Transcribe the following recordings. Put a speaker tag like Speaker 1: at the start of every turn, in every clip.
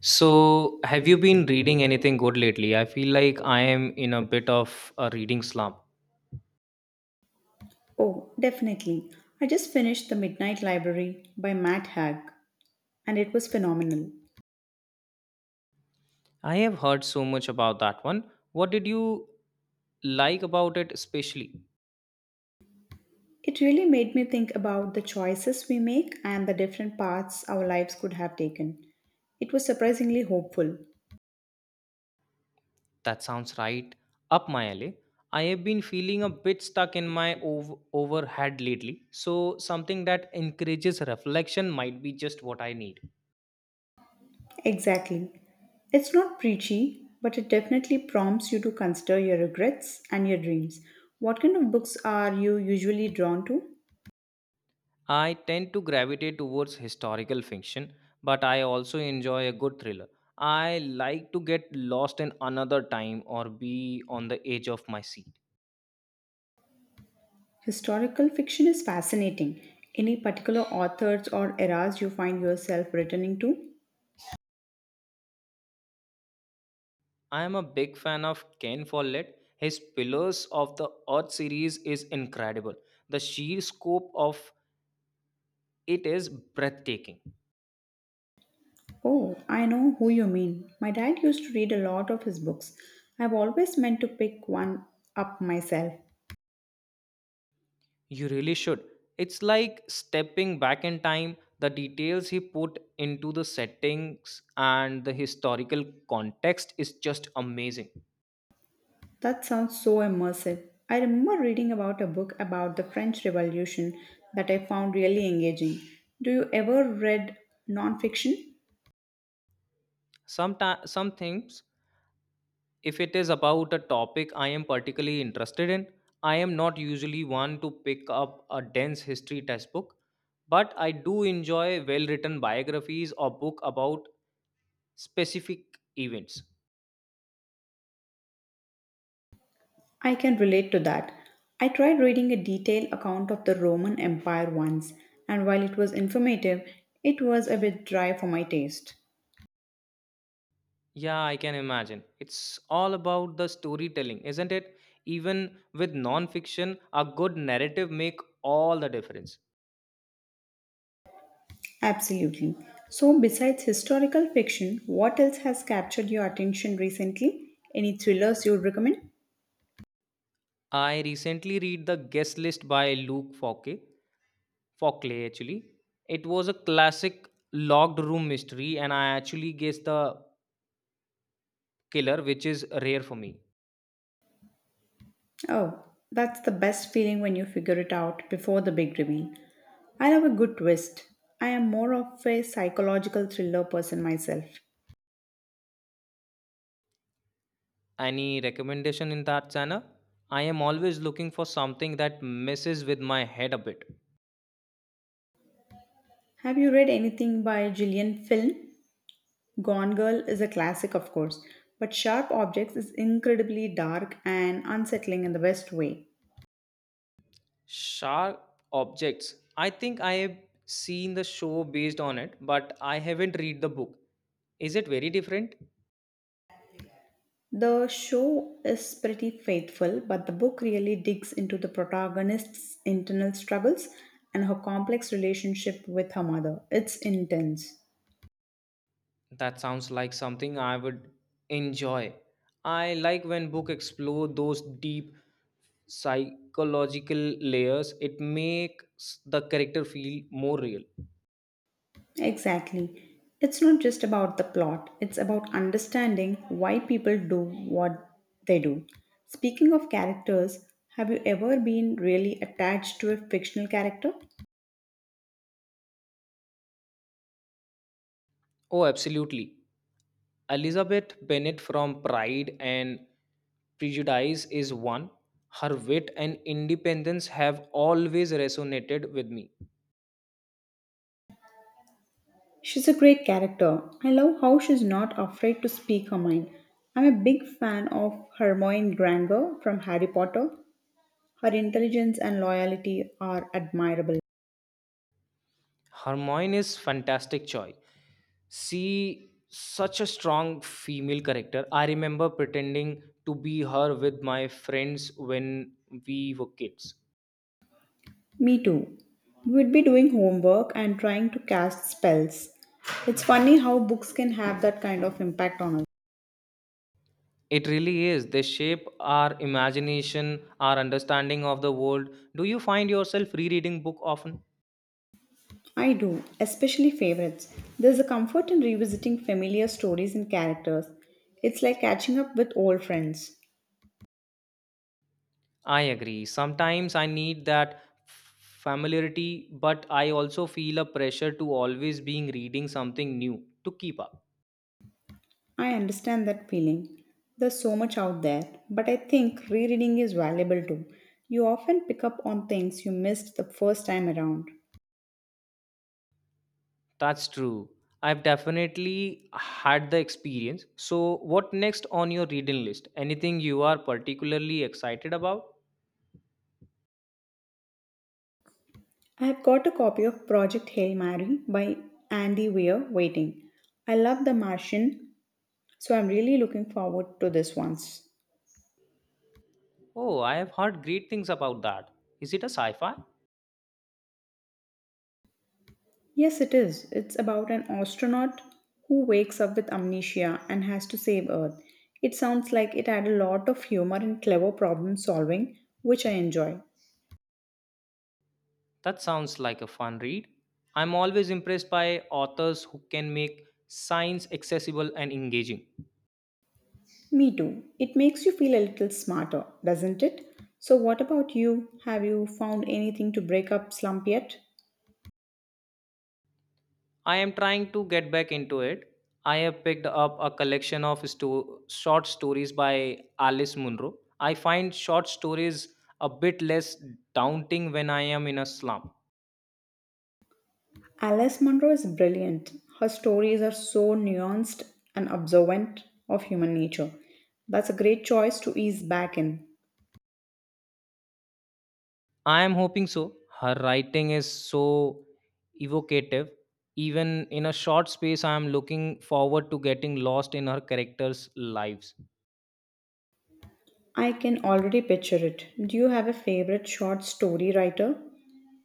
Speaker 1: So, have you been reading anything good lately? I feel like I am in a bit of a reading slump.
Speaker 2: Oh, definitely. I just finished The Midnight Library by Matt Haig, and it was phenomenal.
Speaker 1: I have heard so much about that one. What did you like about it especially?
Speaker 2: It really made me think about the choices we make and the different paths our lives could have taken. It was surprisingly hopeful.
Speaker 1: That sounds right up my alley. I have been feeling a bit stuck in my overhead lately. So, something that encourages reflection might be just what I need.
Speaker 2: Exactly. It's not preachy, but it definitely prompts you to consider your regrets and your dreams. What kind of books are you usually drawn to?
Speaker 1: I tend to gravitate towards historical fiction, but I also enjoy a good thriller. I like to get lost in another time or be on the edge of my seat.
Speaker 2: Historical fiction is fascinating. Any particular authors or eras you find yourself returning to?
Speaker 1: I am a big fan of Ken Follett. His Pillars of the Earth series is incredible. The sheer scope of it is breathtaking.
Speaker 2: Oh, I know who you mean. My dad used to read a lot of his books. I've always meant to pick one up myself.
Speaker 1: You really should. It's like stepping back in time. The details he put into the settings and the historical context is just amazing.
Speaker 2: That sounds so immersive. I remember reading about a book about the French Revolution that I found really engaging. Do you ever read nonfiction?
Speaker 1: Sometimes, if it is about a topic I am particularly interested in, I am not usually one to pick up a dense history textbook, but I do enjoy well-written biographies or book about specific events.
Speaker 2: I can relate to that. I tried reading a detailed account of the Roman Empire once, and while it was informative, it was a bit dry for my taste.
Speaker 1: Yeah, I can imagine. It's all about the storytelling, isn't it? Even with non-fiction, a good narrative make all the difference.
Speaker 2: Absolutely. So, besides historical fiction, what else has captured your attention recently? Any thrillers you'd recommend?
Speaker 1: I recently read The Guest List by Luke Fouquet for clay actually. It was a classic locked room mystery, and I actually guessed the killer, which is rare for me.
Speaker 2: Oh, that's the best feeling when you figure it out before the big reveal. I love a good twist. I am more of a psychological thriller person myself.
Speaker 1: Any recommendation in that genre? I am always looking for something that messes with my head a bit.
Speaker 2: Have you read anything by Gillian Flynn? Gone Girl is a classic, of course, but Sharp Objects is incredibly dark and unsettling in the best way.
Speaker 1: Sharp Objects, I think I have seen the show based on it, but I haven't read the book. Is it very different?
Speaker 2: The show is pretty faithful, but the book really digs into the protagonist's internal struggles and her complex relationship with her mother. It's intense.
Speaker 1: That sounds like something I would enjoy. I like when book explore those deep psychological layers. It makes the character feel more real.
Speaker 2: Exactly. It's not just about the plot, it's about understanding why people do what they do. Speaking of characters, have you ever been really attached to a fictional character?
Speaker 1: Oh, absolutely. Elizabeth Bennet from Pride and Prejudice is one. Her wit and independence have always resonated with me.
Speaker 2: She's a great character. I love how she's not afraid to speak her mind. I'm a big fan of Hermione Granger from Harry Potter. Her intelligence and loyalty are admirable.
Speaker 1: Hermione is fantastic choice. She such a strong female character. I remember pretending to be her with my friends when we were kids.
Speaker 2: Me too. We would be doing homework and trying to cast spells. It's funny how books can have that kind of impact on us.
Speaker 1: It really is. They shape our imagination, our understanding of the world. Do you find yourself rereading book often?
Speaker 2: I do, especially favorites. There's a comfort in revisiting familiar stories and characters. It's like catching up with old friends.
Speaker 1: I agree. Sometimes I need that familiarity, but I also feel a pressure to always being reading something new to keep up.
Speaker 2: I understand that feeling. There's so much out there, but I think rereading is valuable too. You often pick up on things you missed the first time around.
Speaker 1: That's true. I've definitely had the experience. So, what next on your reading list? Anything you are particularly excited about?
Speaker 2: I have got a copy of Project Hail Mary by Andy Weir waiting. I love The Martian, so I'm really looking forward to this once.
Speaker 1: Oh, I have heard great things about that. Is it a sci fi?
Speaker 2: Yes, it is. It's about an astronaut who wakes up with amnesia and has to save Earth. It sounds like it had a lot of humor and clever problem solving, which I enjoy.
Speaker 1: That sounds like a fun read. I'm always impressed by authors who can make science accessible and engaging.
Speaker 2: Me too. It makes you feel a little smarter, doesn't it? So, what about you? Have you found anything to break up slump yet?
Speaker 1: I am trying to get back into it. I have picked up a collection of short stories by Alice Munro. I find short stories a bit less daunting when I am in a slump.
Speaker 2: Alice Munro is brilliant. Her stories are so nuanced and observant of human nature. That's a great choice to ease back in.
Speaker 1: I am hoping so. Her writing is so evocative. Even in a short space, I am looking forward to getting lost in her characters' lives.
Speaker 2: I can already picture it. Do you have a favorite short story writer?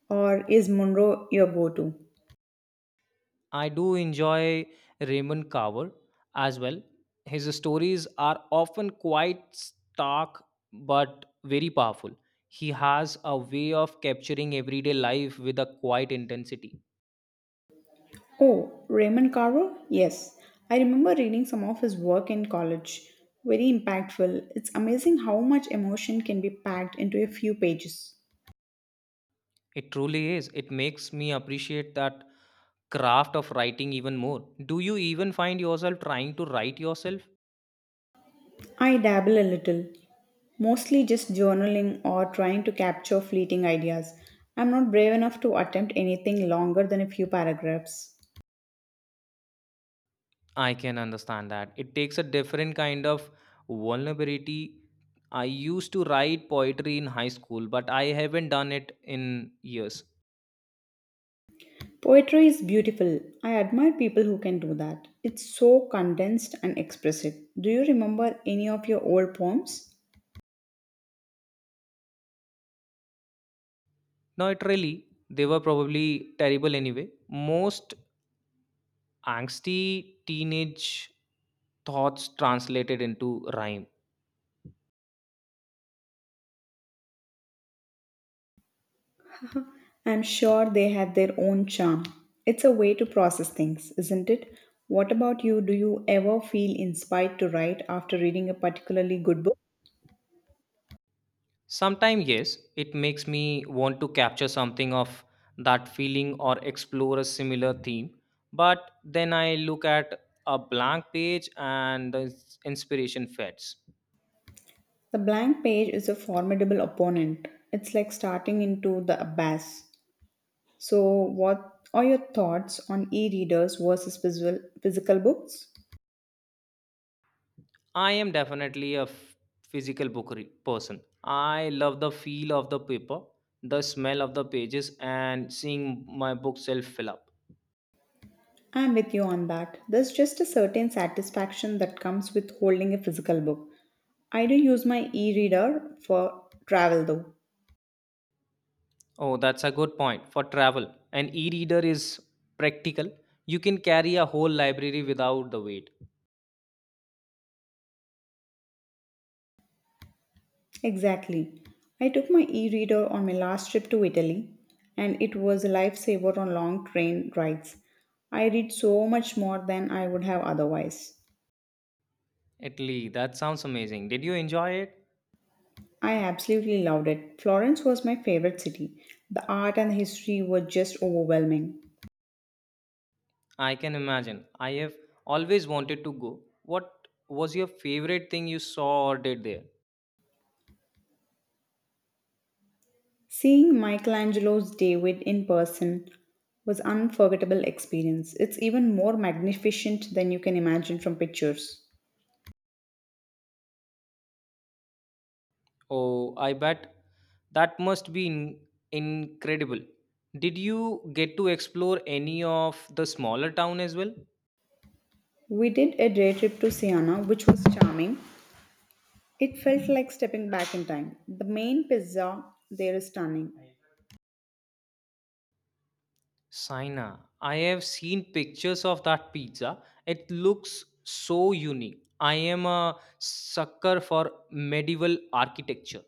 Speaker 2: Or is Munro your go to?
Speaker 1: I do enjoy Raymond Carver as well. His stories are often quite stark but very powerful. He has a way of capturing everyday life with a quiet intensity.
Speaker 2: Oh, Raymond Carver? Yes. I remember reading some of his work in college. Very impactful. It's amazing how much emotion can be packed into a few pages.
Speaker 1: It truly is. It makes me appreciate that craft of writing even more. Do you even find yourself trying to write yourself?
Speaker 2: I dabble a little, mostly just journaling or trying to capture fleeting ideas. I'm not brave enough to attempt anything longer than a few paragraphs.
Speaker 1: I can understand that. It takes a different kind of vulnerability. I used to write poetry in high school, but I haven't done it in years.
Speaker 2: Poetry is beautiful. I admire people who can do that. It's so condensed and expressive. Do you remember any of your old poems?
Speaker 1: Not really. They were probably terrible anyway. Most angsty teenage thoughts translated into rhyme.
Speaker 2: I'm sure they have their own charm. It's a way to process things, isn't it? What about you? Do you ever feel inspired to write after reading a particularly good book?
Speaker 1: Sometimes, yes, it makes me want to capture something of that feeling or explore a similar theme. But then I look at a blank page and the inspiration fades.
Speaker 2: The blank page is a formidable opponent. It's like starting into the abyss. So, what are your thoughts on e readers versus physical books?
Speaker 1: I am definitely a physical book person. I love the feel of the paper, the smell of the pages, and seeing my bookshelf fill up.
Speaker 2: I'm with you on that. There's just a certain satisfaction that comes with holding a physical book. I do use my e reader for travel though.
Speaker 1: Oh, that's a good point for travel. An e reader is practical. You can carry a whole library without the weight.
Speaker 2: Exactly. I took my e reader on my last trip to Italy, and it was a lifesaver on long train rides. I read so much more than I would have otherwise.
Speaker 1: Italy, that sounds amazing. Did you enjoy it?
Speaker 2: I absolutely loved it. Florence was my favorite city. The art and the history were just overwhelming.
Speaker 1: I can imagine. I have always wanted to go. What was your favorite thing you saw or did there?
Speaker 2: Seeing Michelangelo's David in person was unforgettable experience. It's even more magnificent than you can imagine from pictures.
Speaker 1: Oh, I bet that must be incredible. Did you get to explore any of the smaller town as well?
Speaker 2: We did a day trip to Siena, which was charming. It felt like stepping back in time. The main pizza there is stunning.
Speaker 1: Sina, I have seen pictures of that pizza. It looks so unique. I am a sucker for medieval architecture.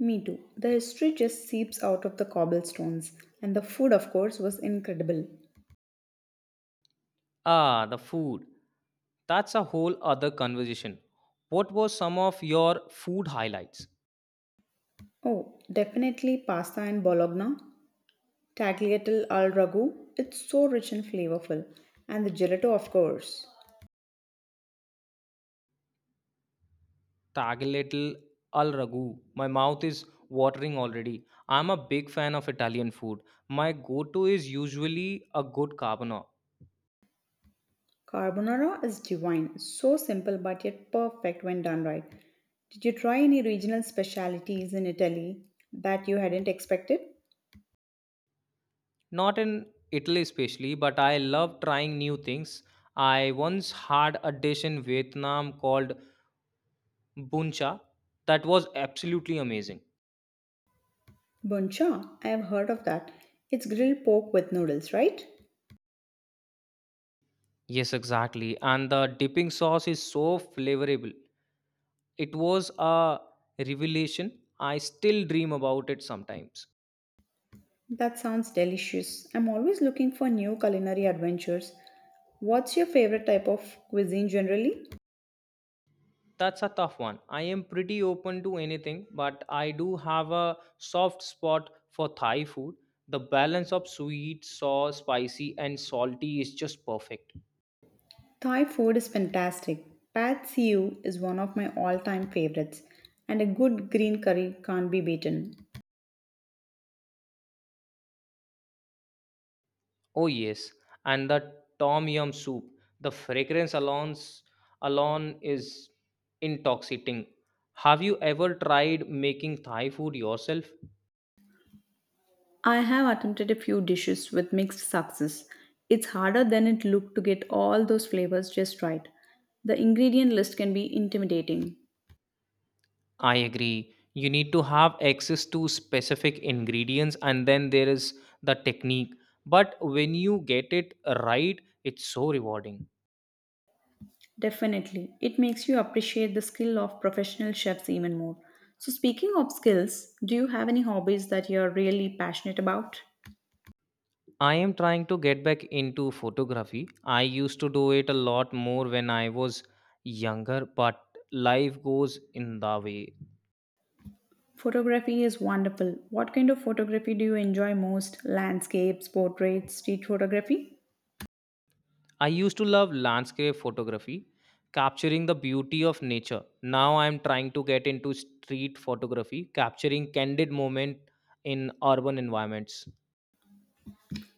Speaker 2: Me too. The history just seeps out of the cobblestones, and the food, of course, was incredible.
Speaker 1: Ah, the food. That's a whole other conversation. What was some of your food highlights?
Speaker 2: Oh, definitely pasta and bologna, tagliatelle al ragu. It's so rich and flavorful, and the gelato, of course.
Speaker 1: Tagliatelle al ragù. My mouth is watering already. I'm a big fan of Italian food. My go-to is usually a good carbonara.
Speaker 2: Carbonara is divine, so simple but yet perfect when done right. Did you try any regional specialities in Italy that you hadn't expected?
Speaker 1: Not in Italy especially, but I love trying new things. I once had a dish in Vietnam called buncha that was absolutely amazing.
Speaker 2: Boncha, I have heard of that. It's grilled pork with noodles, right?
Speaker 1: Yes, exactly. And the dipping sauce is so flavorable. It was a revelation. I still dream about it sometimes.
Speaker 2: That sounds delicious. I'm always looking for new culinary adventures. What's your favorite type of cuisine generally?
Speaker 1: That's a tough one. I am pretty open to anything, but I do have a soft spot for Thai food. The balance of sweet, sour, spicy, and salty is just perfect.
Speaker 2: Thai food is fantastic. Pad see ew is one of my all-time favorites, and a good green curry can't be beaten.
Speaker 1: Oh, yes. And the tom yum soup. The fragrance alone is intoxicating. Have you ever tried making Thai food yourself?
Speaker 2: I have attempted a few dishes with mixed success. It's harder than it looked to get all those flavors just right. The ingredient list can be intimidating.
Speaker 1: I agree. You need to have access to specific ingredients, and then there is the technique. But when you get it right, it's so rewarding.
Speaker 2: Definitely. It makes you appreciate the skill of professional chefs even more. So, speaking of skills, do you have any hobbies that you're really passionate about?
Speaker 1: I am trying to get back into photography. I used to do it a lot more when I was younger, but life goes in the way.
Speaker 2: Photography is wonderful. What kind of photography do you enjoy most? Landscapes, portraits, street photography?
Speaker 1: I used to love landscape photography, capturing the beauty of nature. Now I am trying to get into street photography, capturing candid moment in urban environments.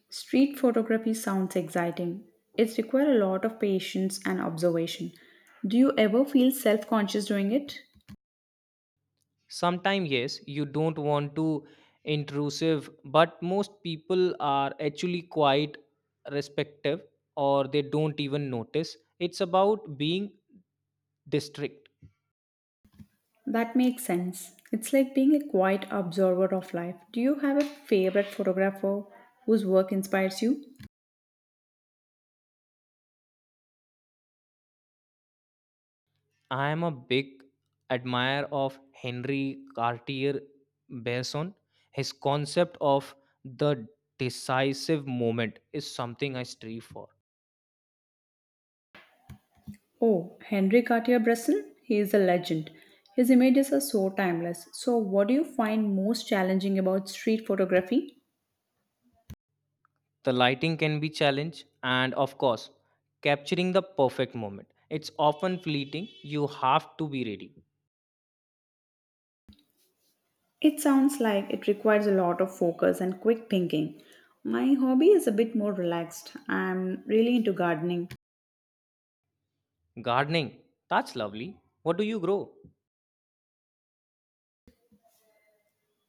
Speaker 2: Street photography sounds exciting. It requires a lot of patience and observation. Do you ever feel self conscious doing it?
Speaker 1: Sometimes, yes, you don't want to intrusive, but most people are actually quite respective or they don't even notice. It's about being district.
Speaker 2: That makes sense. It's like being a quiet observer of life. Do you have a favorite photographer whose work inspires you?
Speaker 1: I am a big admirer of Henry Cartier Bresson. His concept of the decisive moment is something I strive for.
Speaker 2: Oh, Henri Cartier-Bresson. He is a legend. His images are so timeless. So, what do you find most challenging about street photography?
Speaker 1: The lighting can be challenge and of course capturing the perfect moment. It's often fleeting. You have to be ready.
Speaker 2: It sounds like it requires a lot of focus and quick thinking. My hobby is a bit more relaxed. I'm really into gardening.
Speaker 1: Gardening, that's lovely. What do you grow?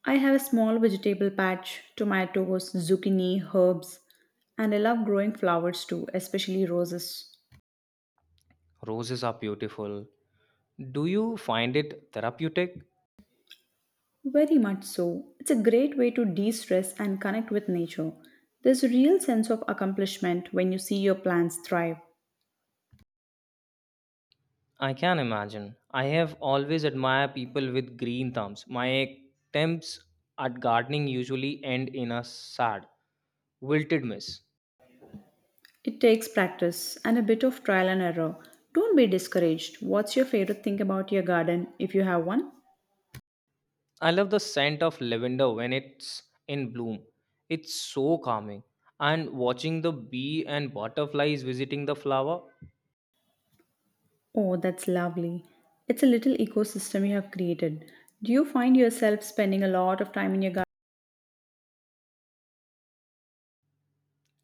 Speaker 2: I have a small vegetable patch, tomatoes, zucchini, herbs, and I love growing flowers too, especially roses.
Speaker 1: Roses are beautiful. Do you find it therapeutic?
Speaker 2: Very much so. It's a great way to de stress and connect with nature. There's a real sense of accomplishment when you see your plants thrive.
Speaker 1: I can imagine. I have always admired people with green thumbs. My attempts at gardening usually end in a sad, wilted mess.
Speaker 2: It takes practice and a bit of trial and error. Don't be discouraged. What's your favorite thing about your garden if you have one?
Speaker 1: I love the scent of lavender when it's in bloom. It's so calming. And watching the bee and butterflies visiting the flower
Speaker 2: Oh, that's lovely. It's a little ecosystem you have created. Do you find yourself spending a lot of time in your garden?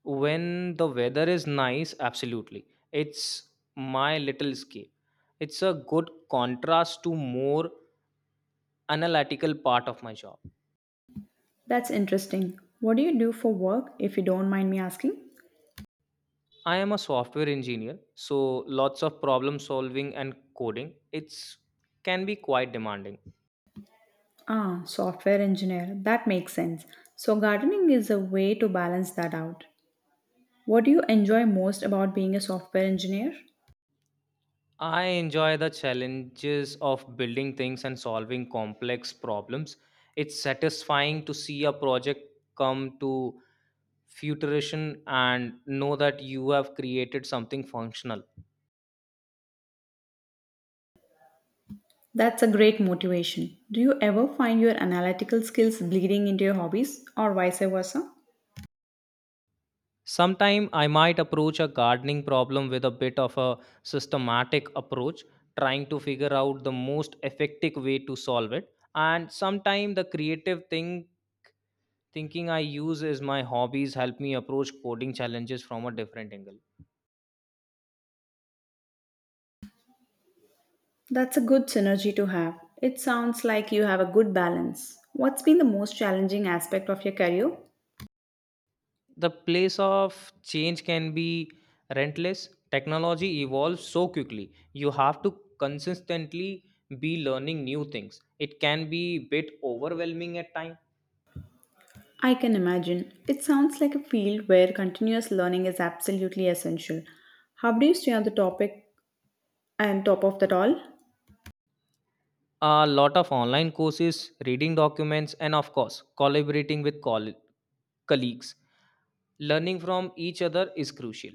Speaker 1: when the weather is nice, absolutely. It's my little escape. It's a good contrast to more analytical part of my job.
Speaker 2: That's interesting. What do you do for work, if you don't mind me asking?
Speaker 1: I am a software engineer, so lots of problem solving and coding. It's can be quite demanding.
Speaker 2: Ah, software engineer. That makes sense. So, gardening is a way to balance that out. What do you enjoy most about being a software engineer?
Speaker 1: I enjoy the challenges of building things and solving complex problems. It's satisfying to see a project come to fruition and know that you have created something functional.
Speaker 2: That's a great motivation. Do you ever find your analytical skills bleeding into your hobbies or vice versa?
Speaker 1: Sometime I might approach a gardening problem with a bit of a systematic approach, trying to figure out the most effective way to solve it. And sometime the creative thing thinking I use is my hobbies help me approach coding challenges from a different angle.
Speaker 2: That's a good synergy to have. It sounds like you have a good balance. What's been the most challenging aspect of your career?
Speaker 1: The place of change can be relentless. Technology evolves so quickly. You have to consistently be learning new things. It can be bit overwhelming at times.
Speaker 2: I can imagine. It sounds like a field where continuous learning is absolutely essential. How do you stay on the topic and top of that all?
Speaker 1: A lot of online courses, reading documents, and of course, collaborating with colleagues. Learning from each other is crucial.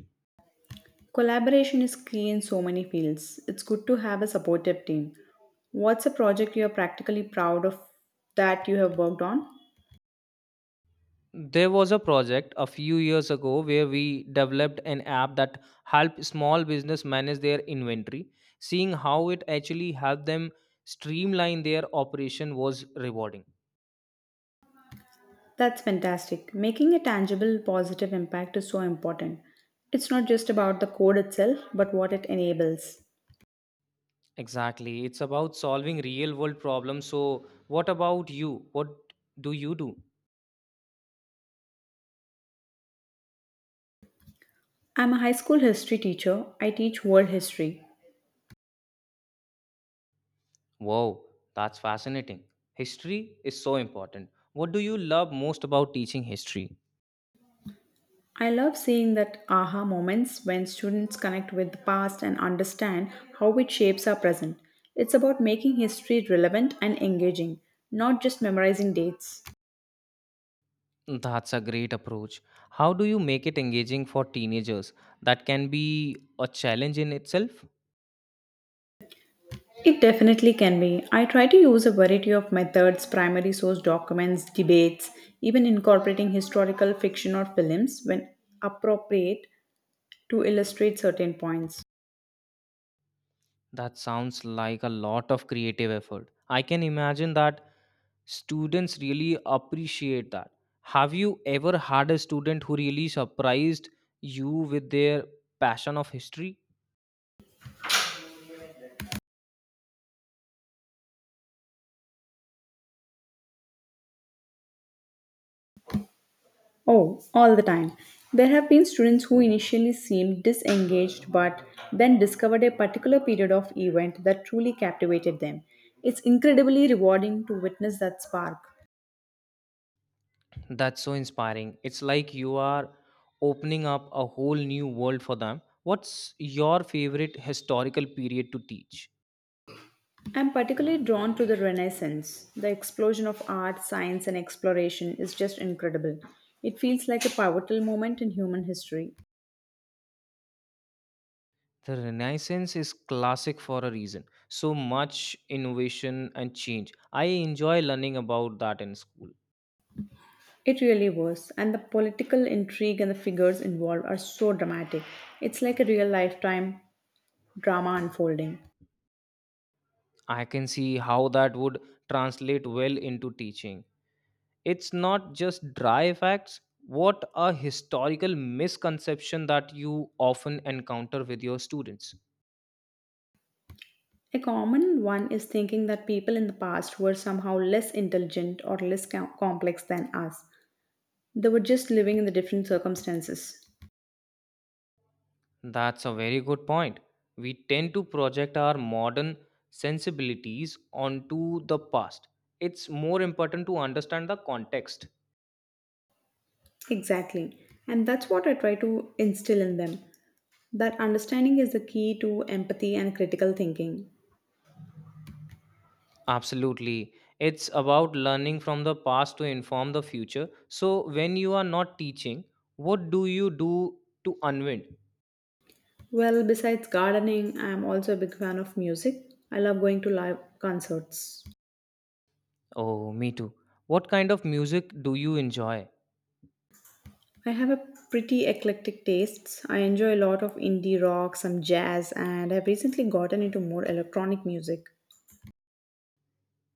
Speaker 2: Collaboration is key in so many fields. It's good to have a supportive team. What's a project you're practically proud of that you have worked on?
Speaker 1: There was a project a few years ago where we developed an app that helped small business manage their inventory. Seeing how it actually helped them streamline their operation was rewarding.
Speaker 2: That's fantastic. Making a tangible positive impact is so important. It's not just about the code itself, but what it enables.
Speaker 1: Exactly. It's about solving real world problems. So, what about you? What do you do?
Speaker 2: I'm a high school history teacher. I teach world history.
Speaker 1: Wow, that's fascinating. History is so important. What do you love most about teaching history?
Speaker 2: I love seeing that aha moments when students connect with the past and understand how it shapes our present. It's about making history relevant and engaging, not just memorizing dates.
Speaker 1: That's a great approach. How do you make it engaging for teenagers? That can be a challenge in itself.
Speaker 2: It definitely can be. I try to use a variety of methods, primary source documents, debates, even incorporating historical fiction or films when appropriate to illustrate certain points.
Speaker 1: That sounds like a lot of creative effort. I can imagine that students really appreciate that. Have you ever had a student who really surprised you with their passion of history?
Speaker 2: Oh, all the time. There have been students who initially seemed disengaged but then discovered a particular period of event that truly captivated them. It's incredibly rewarding to witness that spark.
Speaker 1: That's so inspiring. It's like you are opening up a whole new world for them. What's your favorite historical period to teach?
Speaker 2: I'm particularly drawn to the Renaissance. The explosion of art, science, and exploration is just incredible. It feels like a pivotal moment in human history.
Speaker 1: The Renaissance is classic for a reason. So much innovation and change. I enjoy learning about that in school.
Speaker 2: It really was, and the political intrigue and the figures involved are so dramatic. It's like a real lifetime drama unfolding.
Speaker 1: I can see how that would translate well into teaching. It's not just dry facts. What a historical misconception that you often encounter with your students.
Speaker 2: A common one is thinking that people in the past were somehow less intelligent or less complex than us. They were just living in the different circumstances.
Speaker 1: That's a very good point. We tend to project our modern sensibilities onto the past. It's more important to understand the context.
Speaker 2: Exactly. And that's what I try to instill in them. That understanding is the key to empathy and critical thinking.
Speaker 1: Absolutely. It's about learning from the past to inform the future. So, when you are not teaching, what do you do to unwind?
Speaker 2: Well, besides gardening, I'm also a big fan of music. I love going to live concerts.
Speaker 1: Oh, me too. What kind of music do you enjoy?
Speaker 2: I have a pretty eclectic tastes. I enjoy a lot of indie rock, some jazz, and I've recently gotten into more electronic music.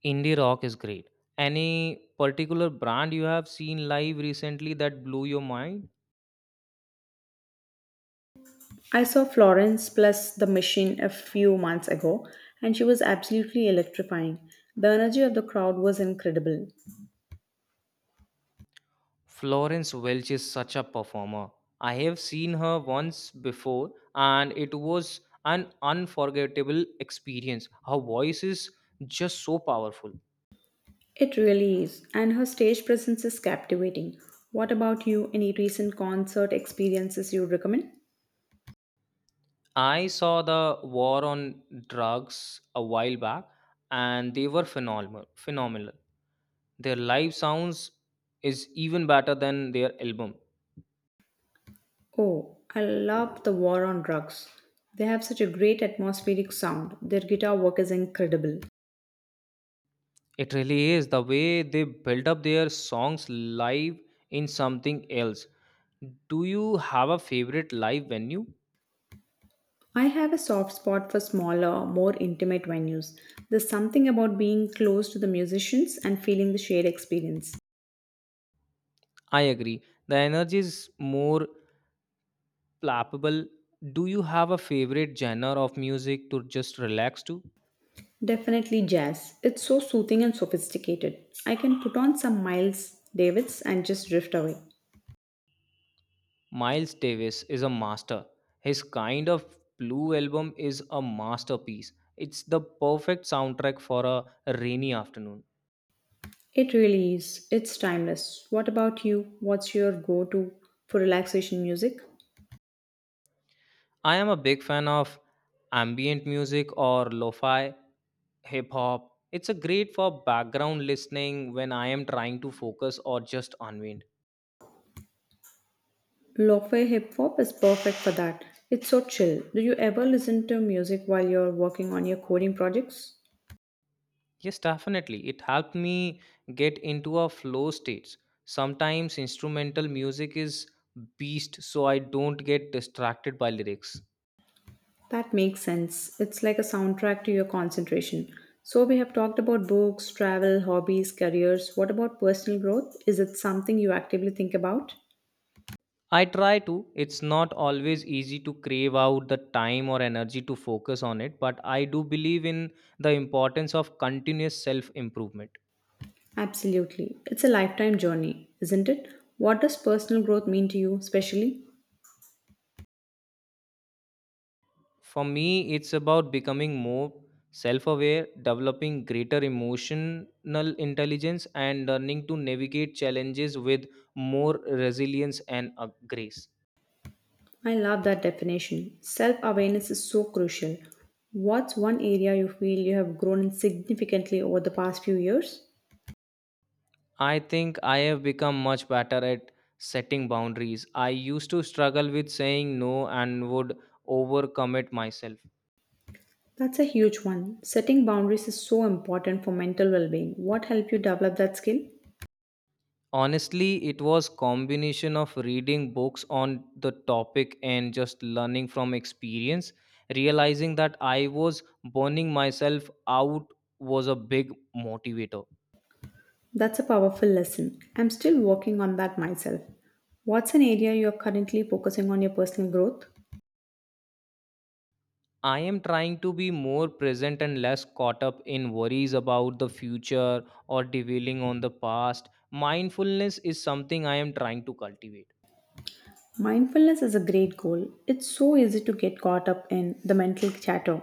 Speaker 1: Indie rock is great. Any particular brand you have seen live recently that blew your mind?
Speaker 2: I saw Florence plus the machine a few months ago, and she was absolutely electrifying. The energy of the crowd was incredible.
Speaker 1: Florence Welch is such a performer. I have seen her once before and it was an unforgettable experience. Her voice is just so powerful.
Speaker 2: It really is, and her stage presence is captivating. What about you? Any recent concert experiences you recommend?
Speaker 1: I saw the war on drugs a while back and they were phenomenal. Their live sounds is even better than their album.
Speaker 2: Oh, I love the War on Drugs. They have such a great atmospheric sound. Their guitar work is incredible.
Speaker 1: It really is the way they build up their songs live in something else. Do you have a favorite live venue?
Speaker 2: I have a soft spot for smaller, more intimate venues. There's something about being close to the musicians and feeling the shared experience.
Speaker 1: I agree. The energy is more palpable. Do you have a favorite genre of music to just relax to?
Speaker 2: Definitely jazz. It's so soothing and sophisticated. I can put on some Miles Davis and just drift away.
Speaker 1: Miles Davis is a master. His kind of blue album is a masterpiece. It's the perfect soundtrack for a rainy afternoon.
Speaker 2: It really is. It's timeless. What about you? What's your go to for relaxation music?
Speaker 1: I am a big fan of ambient music or lo-fi hip hop. It's a great for background listening when I am trying to focus or just unwind.
Speaker 2: Lo-fi hip hop is perfect for that. It's so chill. Do you ever listen to music while you're working on your coding projects?
Speaker 1: Yes, definitely. It helped me get into a flow state. Sometimes instrumental music is beast so I don't get distracted by lyrics.
Speaker 2: That makes sense. It's like a soundtrack to your concentration. So, we have talked about books, travel, hobbies, careers. What about personal growth? Is it something you actively think about?
Speaker 1: I try to. It's not always easy to crave out the time or energy to focus on it, but I do believe in the importance of continuous self improvement.
Speaker 2: Absolutely. It's a lifetime journey, isn't it? What does personal growth mean to you, especially?
Speaker 1: For me, it's about becoming more self aware, developing greater emotional intelligence, and learning to navigate challenges with more resilience and grace.
Speaker 2: I love that definition. Self awareness is so crucial. What's one area you feel you have grown in significantly over the past few years?
Speaker 1: I think I have become much better at setting boundaries. I used to struggle with saying no and would overcommit myself.
Speaker 2: That's a huge one. Setting boundaries is so important for mental well being. What helped you develop that skill?
Speaker 1: Honestly, it was combination of reading books on the topic and just learning from experience. Realizing that I was burning myself out was a big motivator.
Speaker 2: That's a powerful lesson. I'm still working on that myself. What's an area you are currently focusing on your personal growth?
Speaker 1: I am trying to be more present and less caught up in worries about the future or dwelling on the past. Mindfulness is something I am trying to cultivate.
Speaker 2: Mindfulness is a great goal. It's so easy to get caught up in the mental chatter.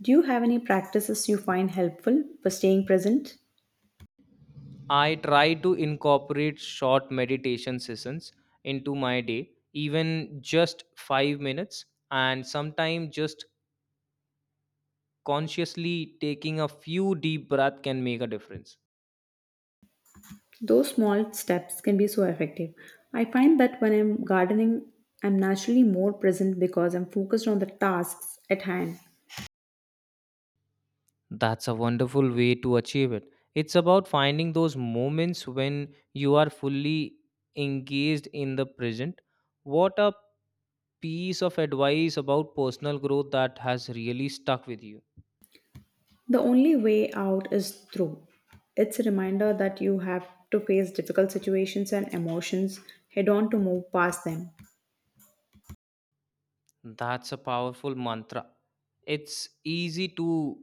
Speaker 2: Do you have any practices you find helpful for staying present?
Speaker 1: I try to incorporate short meditation sessions into my day, even just 5 minutes, and sometimes just consciously taking a few deep breaths can make a difference.
Speaker 2: Those small steps can be so effective. I find that when I'm gardening, I'm naturally more present because I'm focused on the tasks at hand.
Speaker 1: That's a wonderful way to achieve it. It's about finding those moments when you are fully engaged in the present. What a piece of advice about personal growth that has really stuck with you.
Speaker 2: The only way out is through. It's a reminder that you have to face difficult situations and emotions head on to move past them.
Speaker 1: That's a powerful mantra. It's easy to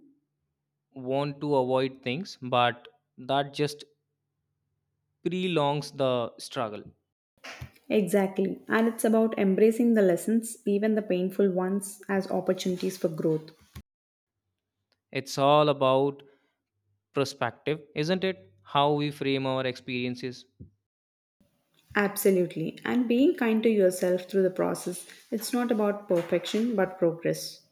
Speaker 1: want to avoid things, but that just prolongs the struggle.
Speaker 2: Exactly. And it's about embracing the lessons, even the painful ones, as opportunities for growth.
Speaker 1: It's all about perspective, isn't it? How we frame our experiences.
Speaker 2: Absolutely. And being kind to yourself through the process. It's not about perfection, but progress.